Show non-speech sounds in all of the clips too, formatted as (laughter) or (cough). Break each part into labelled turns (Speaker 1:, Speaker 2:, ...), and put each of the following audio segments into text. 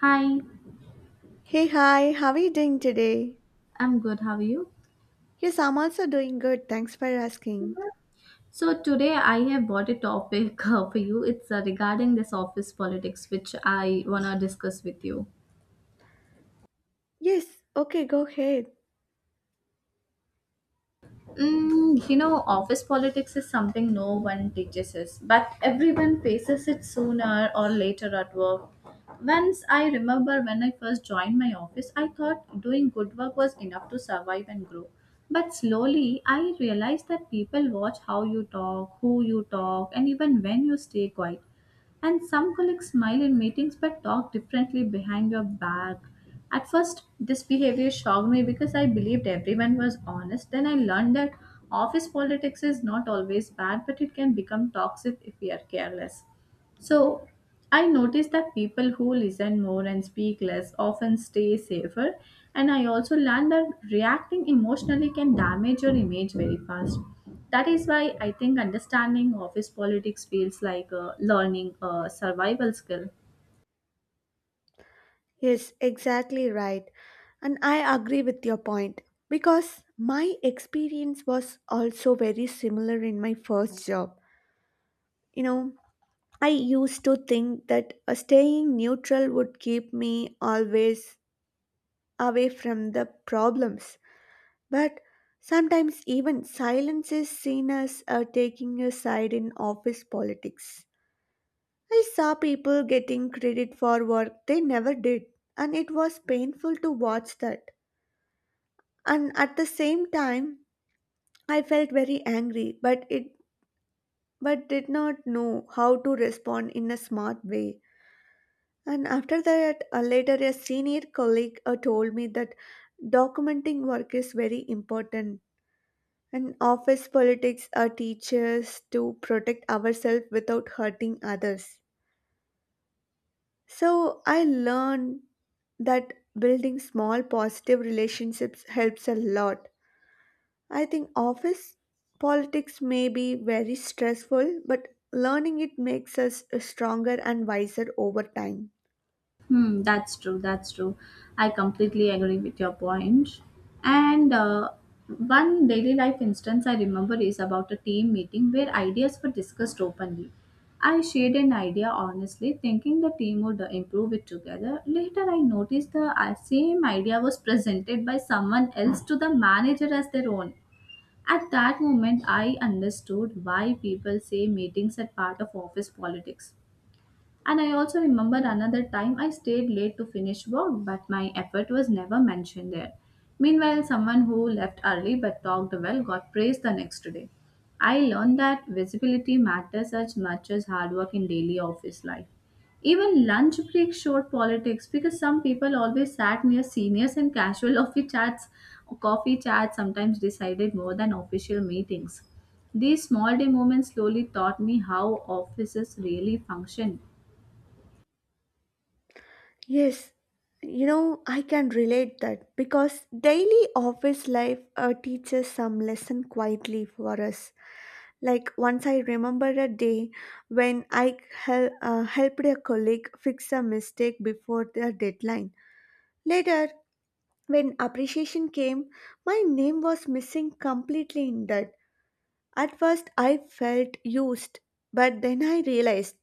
Speaker 1: Hi,
Speaker 2: Hey, hi, how are you doing today?
Speaker 1: I'm good. How are you?
Speaker 2: Yes, I'm also doing good. Thanks for asking.
Speaker 1: So today I have brought a topic (laughs) for you. It's regarding this office politics, which I wanna discuss with you.
Speaker 2: Yes, okay, go ahead.
Speaker 1: Office politics is something no one teaches us, but everyone faces it sooner or later at work. Once I remember when I first joined my office, I thought doing good work was enough to survive and grow. But slowly, I realized that people watch how you talk, who you talk, and even when you stay quiet. And some colleagues smile in meetings but talk differently behind your back. At first, this behavior shocked me because I believed everyone was honest. Then I learned that office politics is not always bad, but it can become toxic if we are careless. So I noticed that people who listen more and speak less often stay safer. And I also learned that reacting emotionally can damage your image very fast. That is why I think understanding office politics feels like learning a survival skill.
Speaker 2: Yes, exactly right. And I agree with your point because my experience was also very similar in my first job. You know, I used to think that staying neutral would keep me always away from the problems. But sometimes even silence is seen as taking a side in office politics. I saw people getting credit for work they never did, and it was painful to watch that. And at the same time, I felt very angry, but did not know how to respond in a smart way. And after that, later a senior colleague told me that documenting work is very important. And office politics teach us to protect ourselves without hurting others. So I learned that building small positive relationships helps a lot. I think office politics may be very stressful, but learning it makes us stronger and wiser over time.
Speaker 1: Hmm, that's true. That's true. I completely agree with your point. And one daily life instance I remember is about a team meeting where ideas were discussed openly. I shared an idea honestly, thinking the team would improve it together. Later, I noticed the same idea was presented by someone else to the manager as their own. At that moment, I understood why people say meetings are part of office politics, and I also remember another time I stayed late to finish work, but my effort was never mentioned there. Meanwhile, someone who left early but talked well got praised the next day. I learned that visibility matters as much as hard work in daily office life. Even lunch break showed politics because some people always sat near seniors and casual (laughs) coffee chats sometimes decided more than official meetings. These small day moments slowly taught me how offices really function.
Speaker 2: Yes, you know, I can relate that because daily office life teaches some lesson quietly for us. Like once I remember a day when I helped a colleague fix a mistake before the deadline. Later, when appreciation came, my name was missing completely in that. At first, I felt used, but then I realized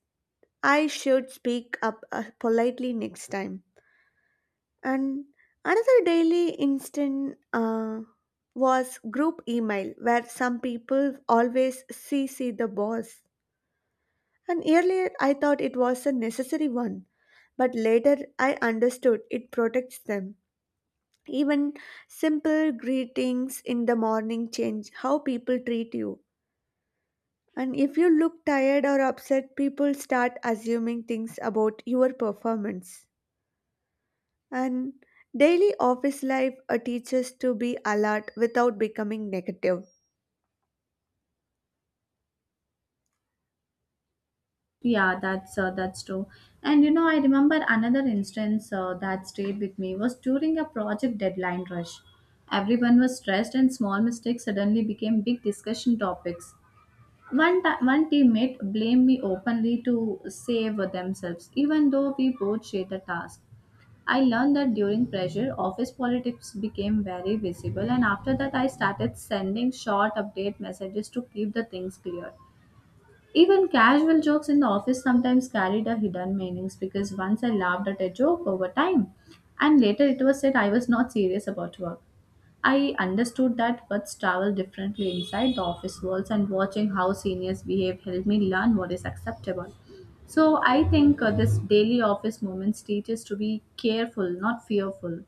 Speaker 2: I should speak up politely next time. And another daily instant was group email, where some people always CC the boss. And earlier I thought it was a necessary one, but later I understood it protects them. Even simple greetings in the morning change how people treat you. And if you look tired or upset, people start assuming things about your performance. And daily office life teaches to be alert without becoming negative.
Speaker 1: Yeah, that's true. And you know, I remember another instance that stayed with me was during a project deadline rush. Everyone was stressed, and small mistakes suddenly became big discussion topics. One teammate blamed me openly to save themselves, even though we both shared the task. I learned that during pressure, office politics became very visible, and after that, I started sending short update messages to keep the things clear. Even casual jokes in the office sometimes carried a hidden meanings because once I laughed at a joke over time and later it was said I was not serious about work. I understood that words travel differently inside the office walls and watching how seniors behave helped me learn what is acceptable. So I think this daily office moments teaches to be careful, not fearful.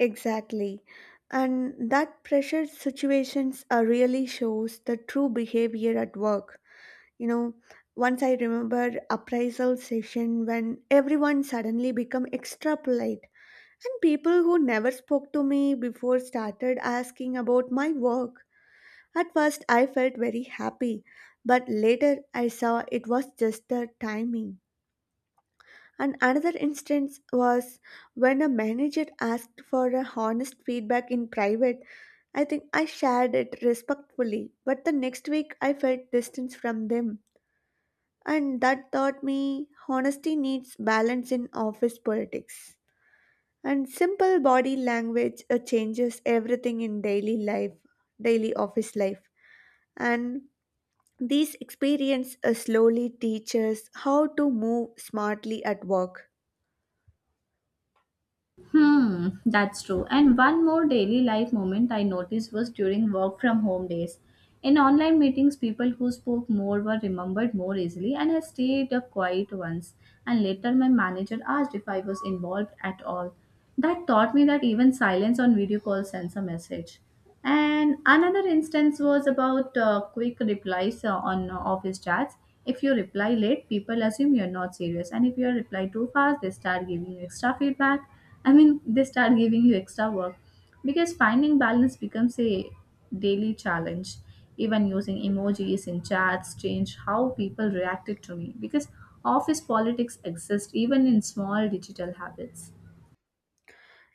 Speaker 2: Exactly. And that pressure situations really shows the true behavior at work. You know, once I remember appraisal session when everyone suddenly become extra polite and people who never spoke to me before started asking about my work. At first I felt very happy, but later I saw it was just the timing. And another instance was when a manager asked for a honest feedback in private. I think I shared it respectfully, but the next week I felt distance from them. And that taught me honesty needs balance in office politics. And simple body language changes everything in daily life, daily office life. And these experiences slowly teach us how to move smartly at work.
Speaker 1: Hmm, that's true. And one more daily life moment I noticed was during work from home days. In online meetings, people who spoke more were remembered more easily, and I stayed up quiet once. And later, my manager asked if I was involved at all. That taught me that even silence on video call sends a message. And another instance was about quick replies on office chats. If you reply late, people assume you're not serious, and if you reply too fast, they start giving you extra feedback. I mean, they start giving you extra work because finding balance becomes a daily challenge. Even using emojis in chats change how people reacted to me because office politics exist even in small digital habits.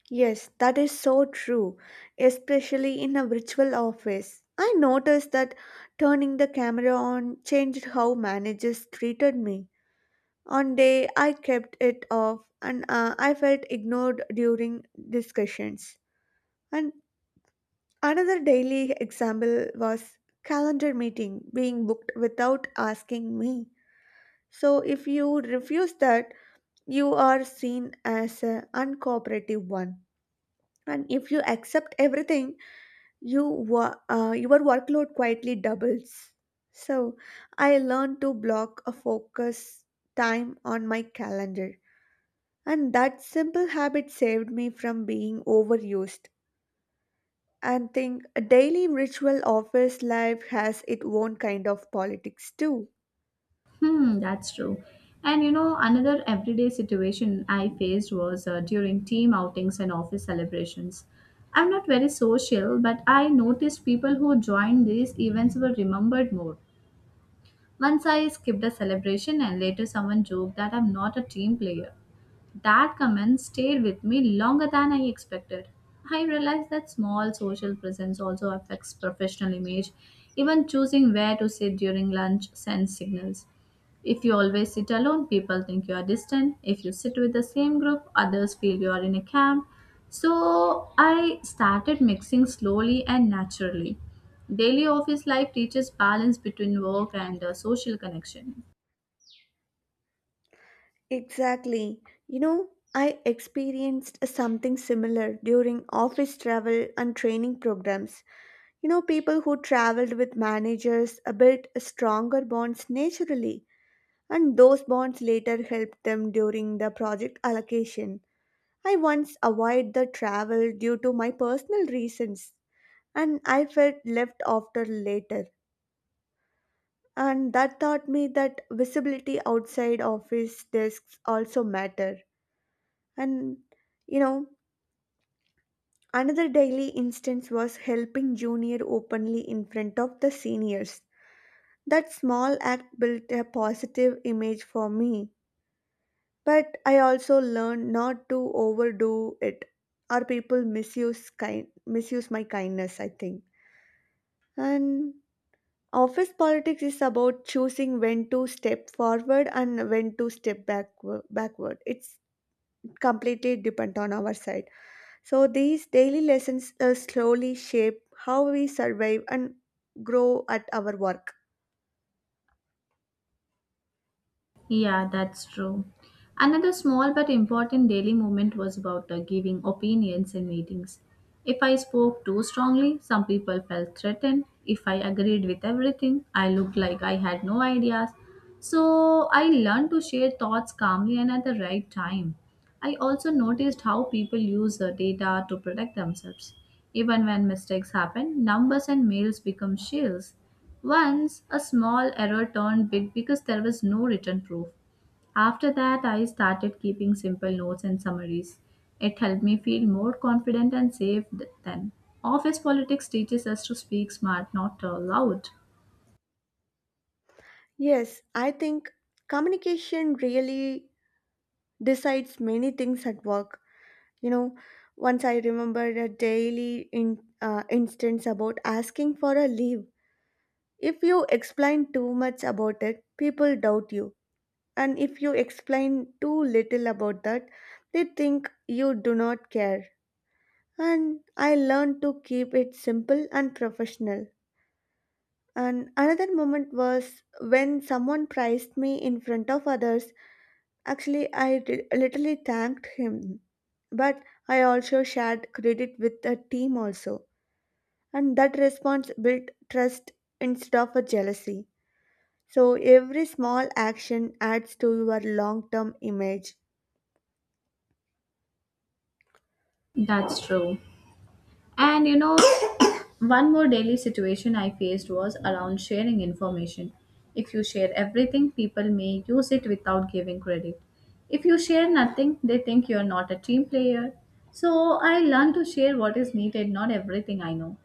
Speaker 2: Yes, that is so true, especially in a virtual office. I noticed that turning the camera on changed how managers treated me. One day I kept it off and I felt ignored during discussions. And another daily example was calendar meeting being booked without asking me. So if you refuse that, you are seen as an uncooperative one. And if you accept everything, your workload quietly doubles. So I learned to block a focus time on my calendar, and that simple habit saved me from being overused. And think a daily ritual office life has its own kind of politics too.
Speaker 1: Hmm, that's true. And you know, another everyday situation I faced was during team outings and office celebrations. I'm not very social, but I noticed people who joined these events were remembered more. Once I skipped a celebration, and later someone joked that I'm not a team player. That comment stayed with me longer than I expected. I realized that small social presence also affects professional image. Even choosing where to sit during lunch sends signals. If you always sit alone, people think you are distant. If you sit with the same group, others feel you are in a camp. So I started mixing slowly and naturally. Daily office life teaches balance between work and social connection.
Speaker 2: Exactly. You know, I experienced something similar during office travel and training programs. You know, people who traveled with managers built stronger bonds naturally, and those bonds later helped them during the project allocation. I once avoided the travel due to my personal reasons, and I felt left after later. And that taught me that visibility outside office desks also matter. And you know, another daily instance was helping junior openly in front of the seniors. That small act built a positive image for me, but I also learned not to overdo it or people misuse my kindness, I think. And office politics is about choosing when to step forward and when to step backward. It's completely dependent on our side. So these daily lessons slowly shape how we survive and grow at our work.
Speaker 1: Yeah, that's true. Another small but important daily movement was about giving opinions in meetings. If I spoke too strongly, some people felt threatened. If I agreed with everything, I looked like I had no ideas. So I learned to share thoughts calmly and at the right time. I also noticed how people use the data to protect themselves. Even when mistakes happen, numbers and mails become shields. Once, a small error turned big because there was no written proof. After that, I started keeping simple notes and summaries. It helped me feel more confident and safe then. Office politics teaches us to speak smart, not loud.
Speaker 2: Yes, I think communication really decides many things at work. You know, once I remembered a daily instance about asking for a leave. If you explain too much about it, people doubt you. And if you explain too little about that, they think you do not care. And I learned to keep it simple and professional. And another moment was when someone praised me in front of others. Actually, literally thanked him, but I also shared credit with the team also, and that response built trust instead of a jealousy. So every small action adds to your long-term image.
Speaker 1: That's true. And you know, (coughs) one more daily situation I faced was around sharing information. If you share everything, people may use it without giving credit. If you share nothing, they think you're not a team player. So I learned to share what is needed, not everything I know.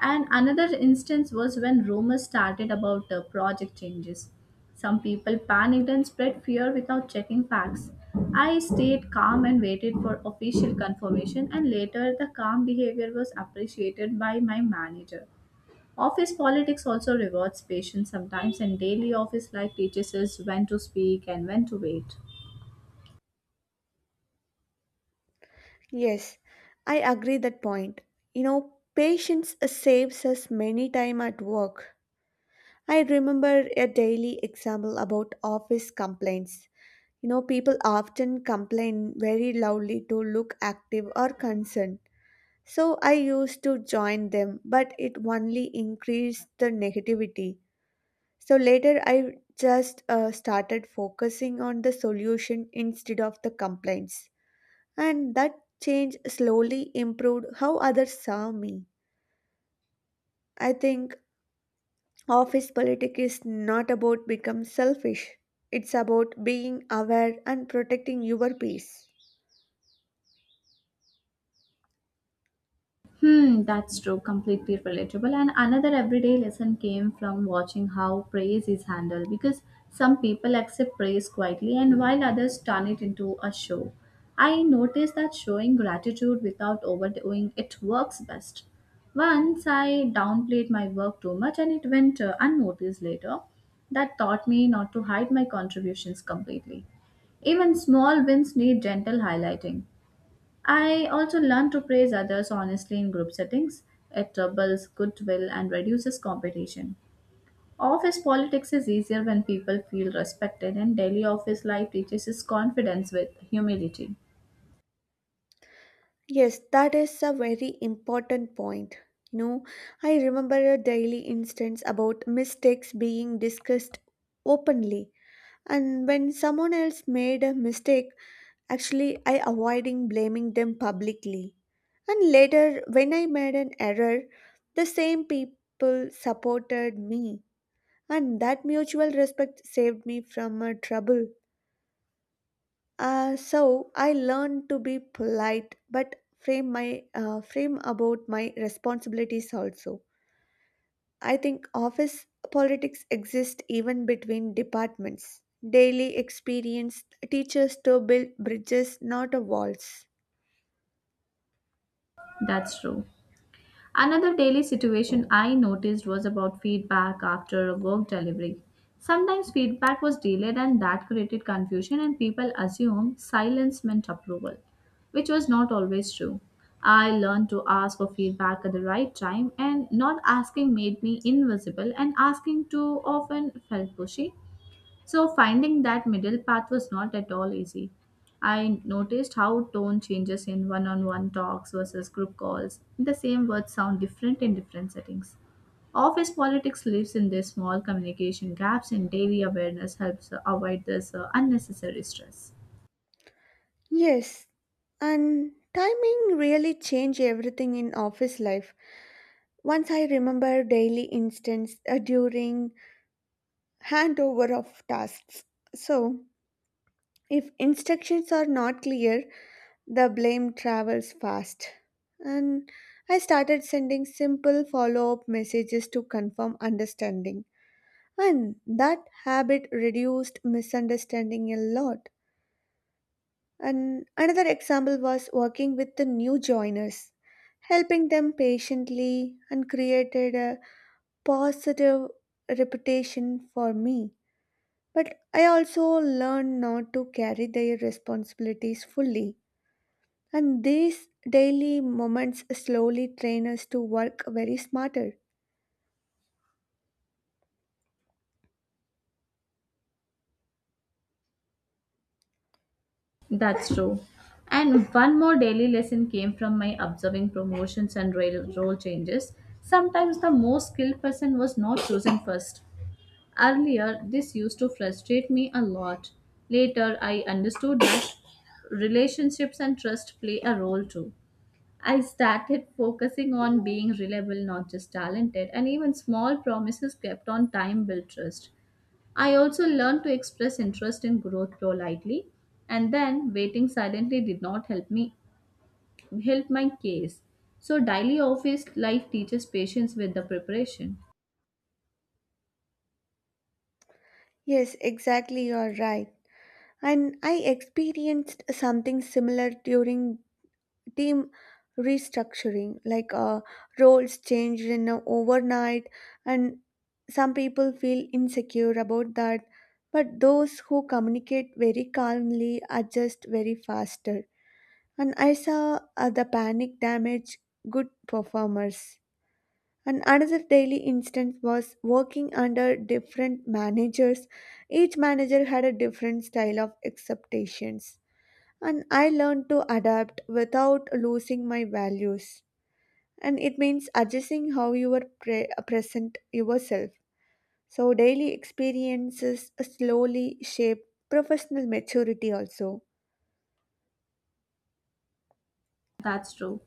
Speaker 1: And another instance was when rumors started about project changes. Some people panicked and spread fear without checking facts. I stayed calm and waited for official confirmation, and later the calm behavior was appreciated by my manager. Office politics also rewards patience sometimes, and daily office life teaches us when to speak and when to wait.
Speaker 2: Yes, I agree that point. You know, patience saves us many time at work. I remember a daily example about office complaints. You know, people often complain very loudly to look active or concerned. So I used to join them, but it only increased the negativity. So later I just started focusing on the solution instead of the complaints. And that change slowly improved how others saw me. I think office politics is not about become selfish. It's about being aware and protecting your peace.
Speaker 1: Hmm, that's true. Completely relatable. And another everyday lesson came from watching how praise is handled because some people accept praise quietly and while others turn it into a show. I noticed that showing gratitude without overdoing it works best. Once I downplayed my work too much and it went unnoticed later. That taught me not to hide my contributions completely. Even small wins need gentle highlighting. I also learn to praise others honestly in group settings. It builds goodwill and reduces competition. Office politics is easier when people feel respected, and daily office life teaches us confidence with humility.
Speaker 2: Yes, that is a very important point. You know, I remember a daily instance about mistakes being discussed openly. And when someone else made a mistake, actually I avoiding blaming them publicly. And later when I made an error, the same people supported me. And that mutual respect saved me from a trouble. So I learned to be polite, but frame about my responsibilities also. I think office politics exist even between departments. Daily experience teaches to build bridges, not a walls.
Speaker 1: That's true. Another daily situation I noticed was about feedback after a work delivery. Sometimes feedback was delayed and that created confusion and people assumed silence meant approval, which was not always true. I learned to ask for feedback at the right time and not asking made me invisible and asking too often felt pushy. So, finding that middle path was not at all easy. I noticed how tone changes in one on one talks versus group calls. The same words sound different in different settings. Office politics lives in these small communication gaps, and daily awareness helps avoid this unnecessary stress.
Speaker 2: Yes, and timing really change everything in office life. Once I remember daily instance during handover of tasks. So if instructions are not clear, the blame travels fast. And I started sending simple follow up messages to confirm understanding. And that habit reduced misunderstanding a lot. And another example was working with the new joiners, helping them patiently and created a positive reputation for me. But I also learned not to carry their responsibilities fully. And these daily moments slowly train us to work very smarter.
Speaker 1: That's true. And one more daily lesson came from my observing promotions and role changes. Sometimes the most skilled person was not chosen first. Earlier, this used to frustrate me a lot. Later, I understood that relationships and trust play a role too. I started focusing on being reliable, not just talented, and even small promises kept on time built trust. I also learned to express interest in growth politely, and then waiting silently did not help my case. So daily office life teaches patience with the preparation.
Speaker 2: Yes, exactly, you're right. And I experienced something similar during team restructuring, like roles changed in a overnight, and some people feel insecure about that. But those who communicate very calmly adjust very faster. And I saw the panic damage good performers. And another daily instance was working under different managers. Each manager had a different style of expectations. And I learned to adapt without losing my values. And it means adjusting how you present yourself. So, daily experiences slowly shape professional maturity also.
Speaker 1: That's true.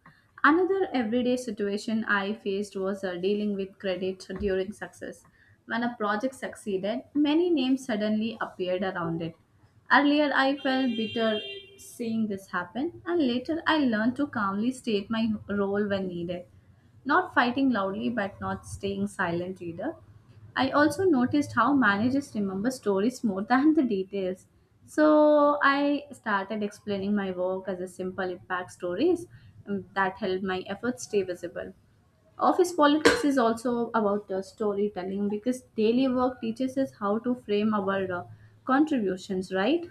Speaker 1: Another everyday situation I faced was dealing with credit during success. When a project succeeded, many names suddenly appeared around it. Earlier, I felt bitter seeing this happen, and later, I learned to calmly state my role when needed. Not fighting loudly, but not staying silent either. I also noticed how managers remember stories more (laughs) than the details. So I started explaining my work as a simple impact stories that helped my efforts stay visible. Office politics is also about storytelling because daily work teaches us how to frame our contributions, right?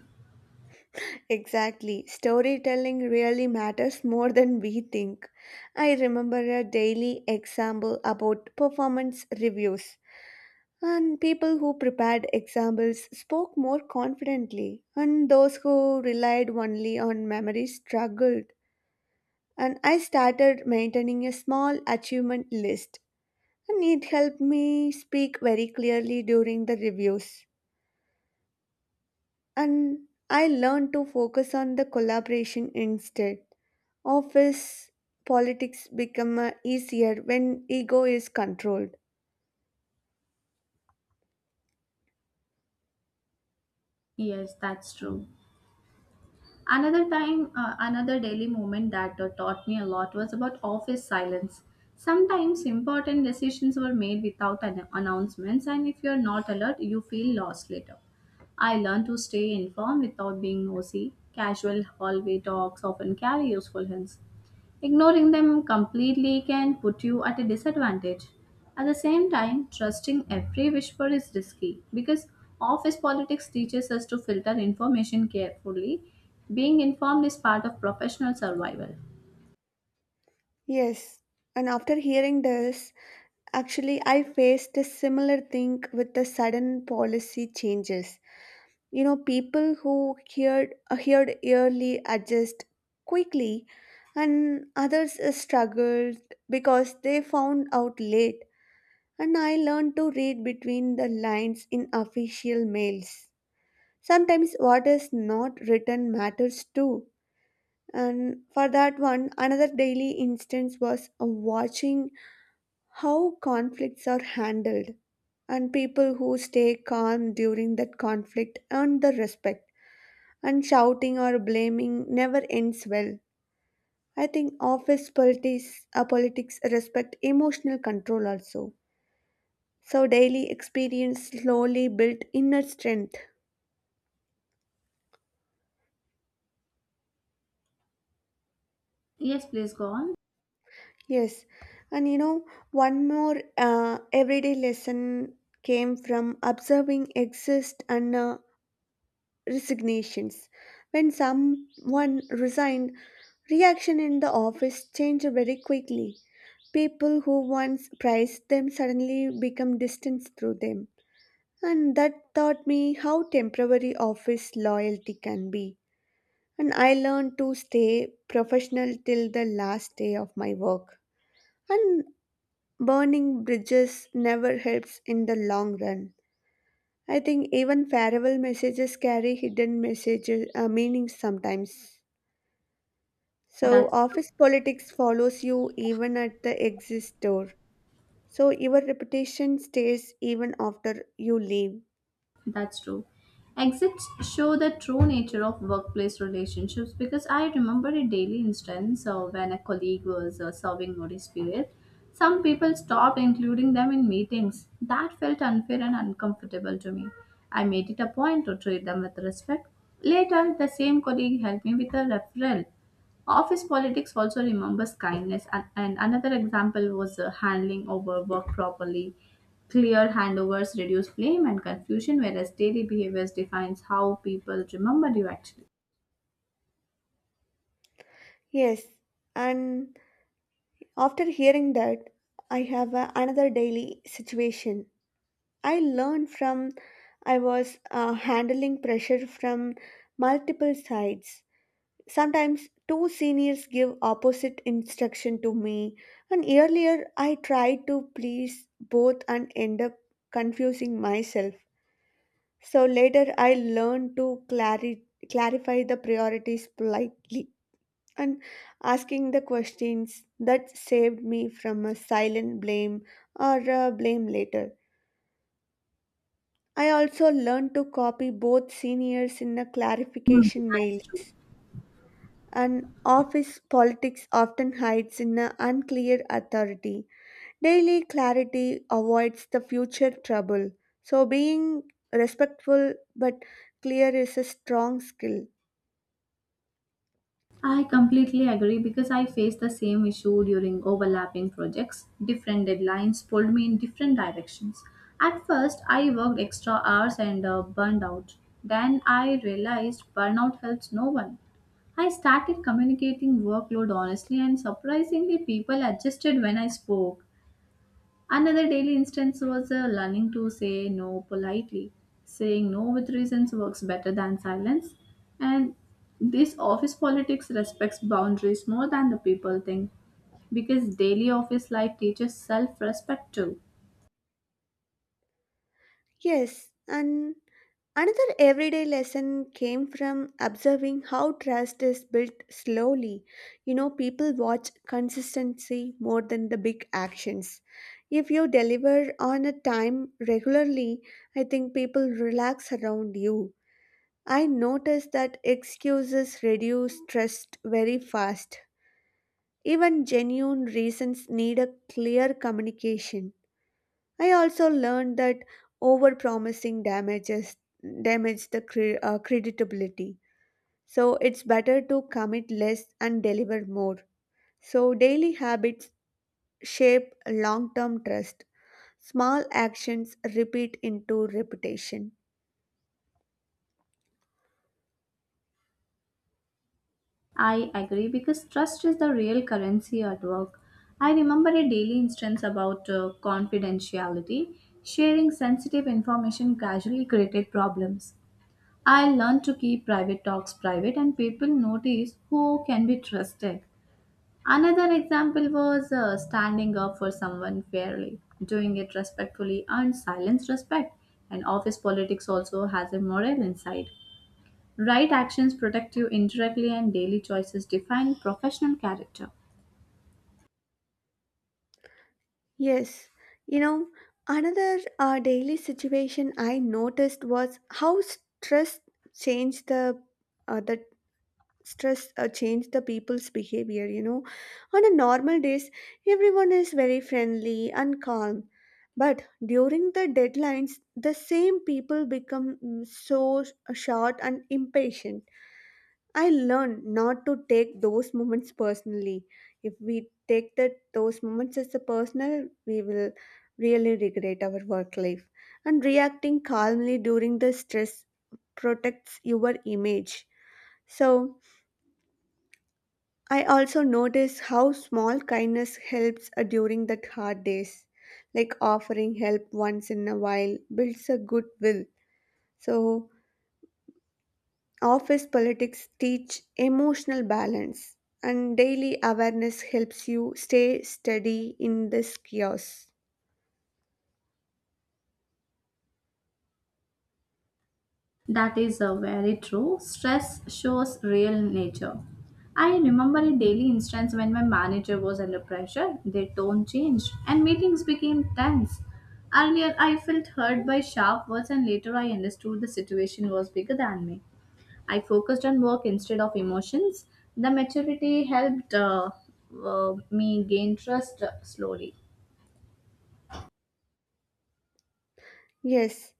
Speaker 2: Exactly. Storytelling really matters more than we think. I remember a daily example about performance reviews, and people who prepared examples spoke more confidently, and those who relied only on memory struggled. And I started maintaining a small achievement list, and it helped me speak very clearly during the reviews. And I learned to focus on the collaboration instead. Office politics become easier when ego is controlled.
Speaker 1: Yes, that's true. Another daily moment that taught me a lot was about office silence. Sometimes important decisions were made without announcements, and if you're not alert, you feel lost later. I learned to stay informed without being nosy. Casual hallway talks often carry useful hints. Ignoring them completely can put you at a disadvantage. At the same time, trusting every whisper is risky because office politics teaches us to filter information carefully. Being informed is part of professional survival.
Speaker 2: Yes. And after hearing this, actually, I faced a similar thing with the sudden policy changes. You know, people who heard yearly adjust quickly, and others struggled because they found out late. And I learned to read between the lines in official mails. Sometimes what is not written matters too. And for that one, another daily instance was watching how conflicts are handled. And people who stay calm during that conflict earn the respect. And shouting or blaming never ends well. I think politics respect emotional control also. So daily experience slowly built inner strength.
Speaker 1: Yes, please go on.
Speaker 2: Yes, and you know, one more everyday lesson came from observing exist and resignations. When someone resigned, reaction in the office changed very quickly. People who once prized them suddenly become distant through them, and that taught me how temporary office loyalty can be. And I learned to stay professional till the last day of my work. And burning bridges never helps in the long run. I think even farewell messages carry hidden messages meanings sometimes. So
Speaker 1: That's true.
Speaker 2: office politics follows you even at the exit door. So your reputation stays even after you leave.
Speaker 1: That's true. Exits show the true nature of workplace relationships because I remember a daily instance when a colleague was serving notice period. Some people stopped including them in meetings. That felt unfair and uncomfortable to me. I made it a point to treat them with respect. Later, the same colleague helped me with a referral. Office politics also remembers kindness, and another example was handling over work properly. Clear handovers reduce blame and confusion, whereas daily behaviors defines how people remember you actually.
Speaker 2: Yes, and after hearing that, another daily situation I learned from. I was handling pressure from multiple sides. Sometimes two seniors give opposite instruction to me, and earlier I tried to please both and end up confusing myself. So later I learned to clarify the priorities politely and asking the questions that saved me from a silent blame or a blame later. I also learned to copy both seniors in the
Speaker 1: Hmm,
Speaker 2: clarification mails.
Speaker 1: that's true.
Speaker 2: And office politics often hides in an unclear authority. Daily clarity avoids the future trouble. So being respectful but clear is a strong skill.
Speaker 1: I completely agree because I faced the same issue during overlapping projects. Different deadlines pulled me in different directions. At first, I worked extra hours and burned out. Then I realized burnout helps no one. I started communicating workload honestly, and surprisingly, people adjusted when I spoke. Another daily instance was learning to say no politely. Saying no with reasons works better than silence. And this office politics respects boundaries more than the people think because daily office life teaches self respect too.
Speaker 2: Yes, and another everyday lesson came from observing how trust is built slowly. You know, people watch consistency more than the big actions. If you deliver on a time regularly, I think people relax around you. I noticed that excuses reduce trust very fast. Even genuine reasons need a clear communication. I also learned that overpromising damages damage the creditability. So it's better to commit less and deliver more. So daily habits shape long-term trust. Small actions repeat into reputation.
Speaker 1: I agree because trust is the real currency at work. I remember a daily instance about confidentiality. Sharing sensitive information casually created problems. I learned to keep private talks private and people notice who can be trusted. Another example was standing up for someone fairly, doing it respectfully, and silence respect. And office politics also has a moral inside. Right actions protect you indirectly, and daily choices define professional character.
Speaker 2: Yes, you know, another daily situation I noticed was how changed the uh, the stress change the people's behavior. You know, on a normal days everyone is very friendly and calm, but during the deadlines the same people become so short and impatient. I learn not to take those moments personally. If we take that those moments as a personal, we will really regret our work life. And reacting calmly during the stress protects your image. So I also notice how small kindness helps during the hard days, like offering help once in a while builds a goodwill. So, office politics teach emotional balance, and daily awareness helps you stay steady in this chaos.
Speaker 1: That is very true. Stress shows real nature. I remember a daily instance when my manager was under pressure, their tone changed, and meetings became tense. Earlier, I felt hurt by sharp words, and later, I understood the situation was bigger than me. I focused on work instead of emotions. The maturity helped me gain trust slowly.
Speaker 2: Yes,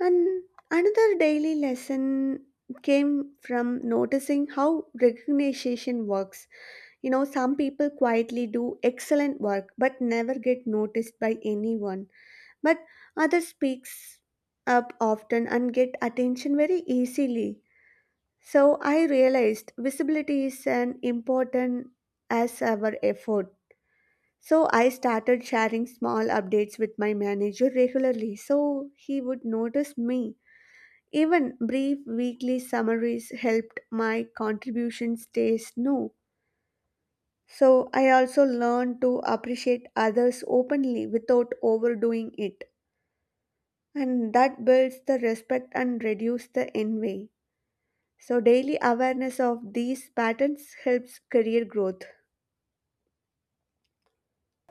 Speaker 2: and another daily lesson came from noticing how recognition works. You know, some people quietly do excellent work but never get noticed by anyone, but others speaks up often and get attention very easily. So I realized visibility is an important as our effort. So I started sharing small updates with my manager regularly so he would notice me. Even brief weekly summaries helped my contribution stays new. So I also learn to appreciate others openly without overdoing it. And that builds the respect and reduces the envy. So daily awareness of these patterns helps career growth.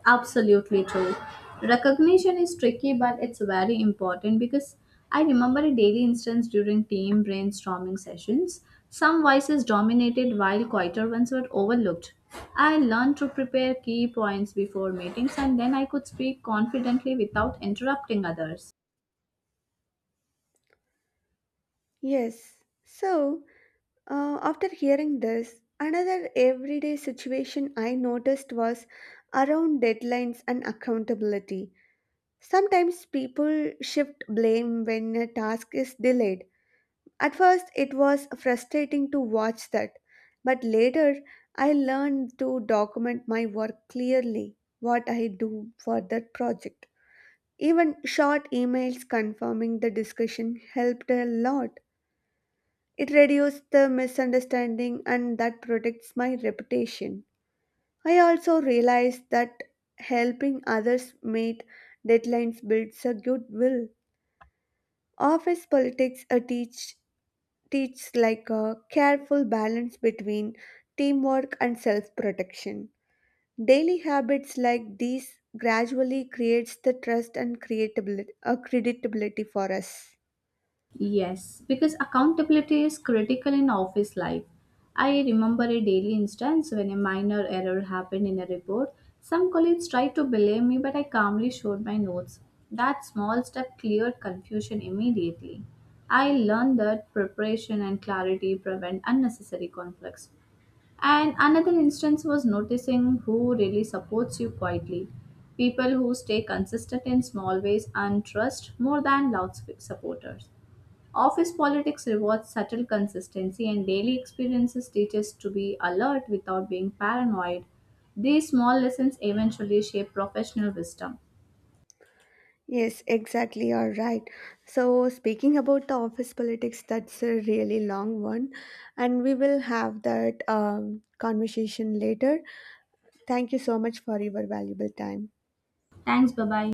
Speaker 1: Absolutely true. Recognition is tricky, but it's very important because I remember a daily instance during team brainstorming sessions. Some voices dominated while quieter ones were overlooked. I learned to prepare key points before meetings and then I could speak confidently without interrupting others.
Speaker 2: Yes. So after hearing this, another everyday situation I noticed was around deadlines and accountability. Sometimes people shift blame when a task is delayed. At first, it was frustrating to watch that, but later I learned to document my work clearly, what I do for that project. Even short emails confirming the discussion helped a lot. It reduced the misunderstanding and that protects my reputation. I also realized that helping others meet deadlines builds a goodwill. Office politics teach like a careful balance between teamwork and self-protection. Daily habits like these gradually creates the trust and creditability for us.
Speaker 1: Yes, because accountability is critical in office life. I remember a daily instance when a minor error happened in a report. Some colleagues tried to blame me, but I calmly showed my notes. That small step cleared confusion immediately. I learned that preparation and clarity prevent unnecessary conflicts. And another instance was noticing who really supports you quietly. People who stay consistent in small ways and trust more than loud supporters. Office politics rewards subtle consistency, and daily experiences teach us to be alert without being paranoid. These small lessons eventually shape professional wisdom.
Speaker 2: Yes, exactly. You're right. So, speaking about the office politics, that's a really long one, and we will have that conversation later. Thank you so much for your valuable time.
Speaker 1: Thanks, bye bye.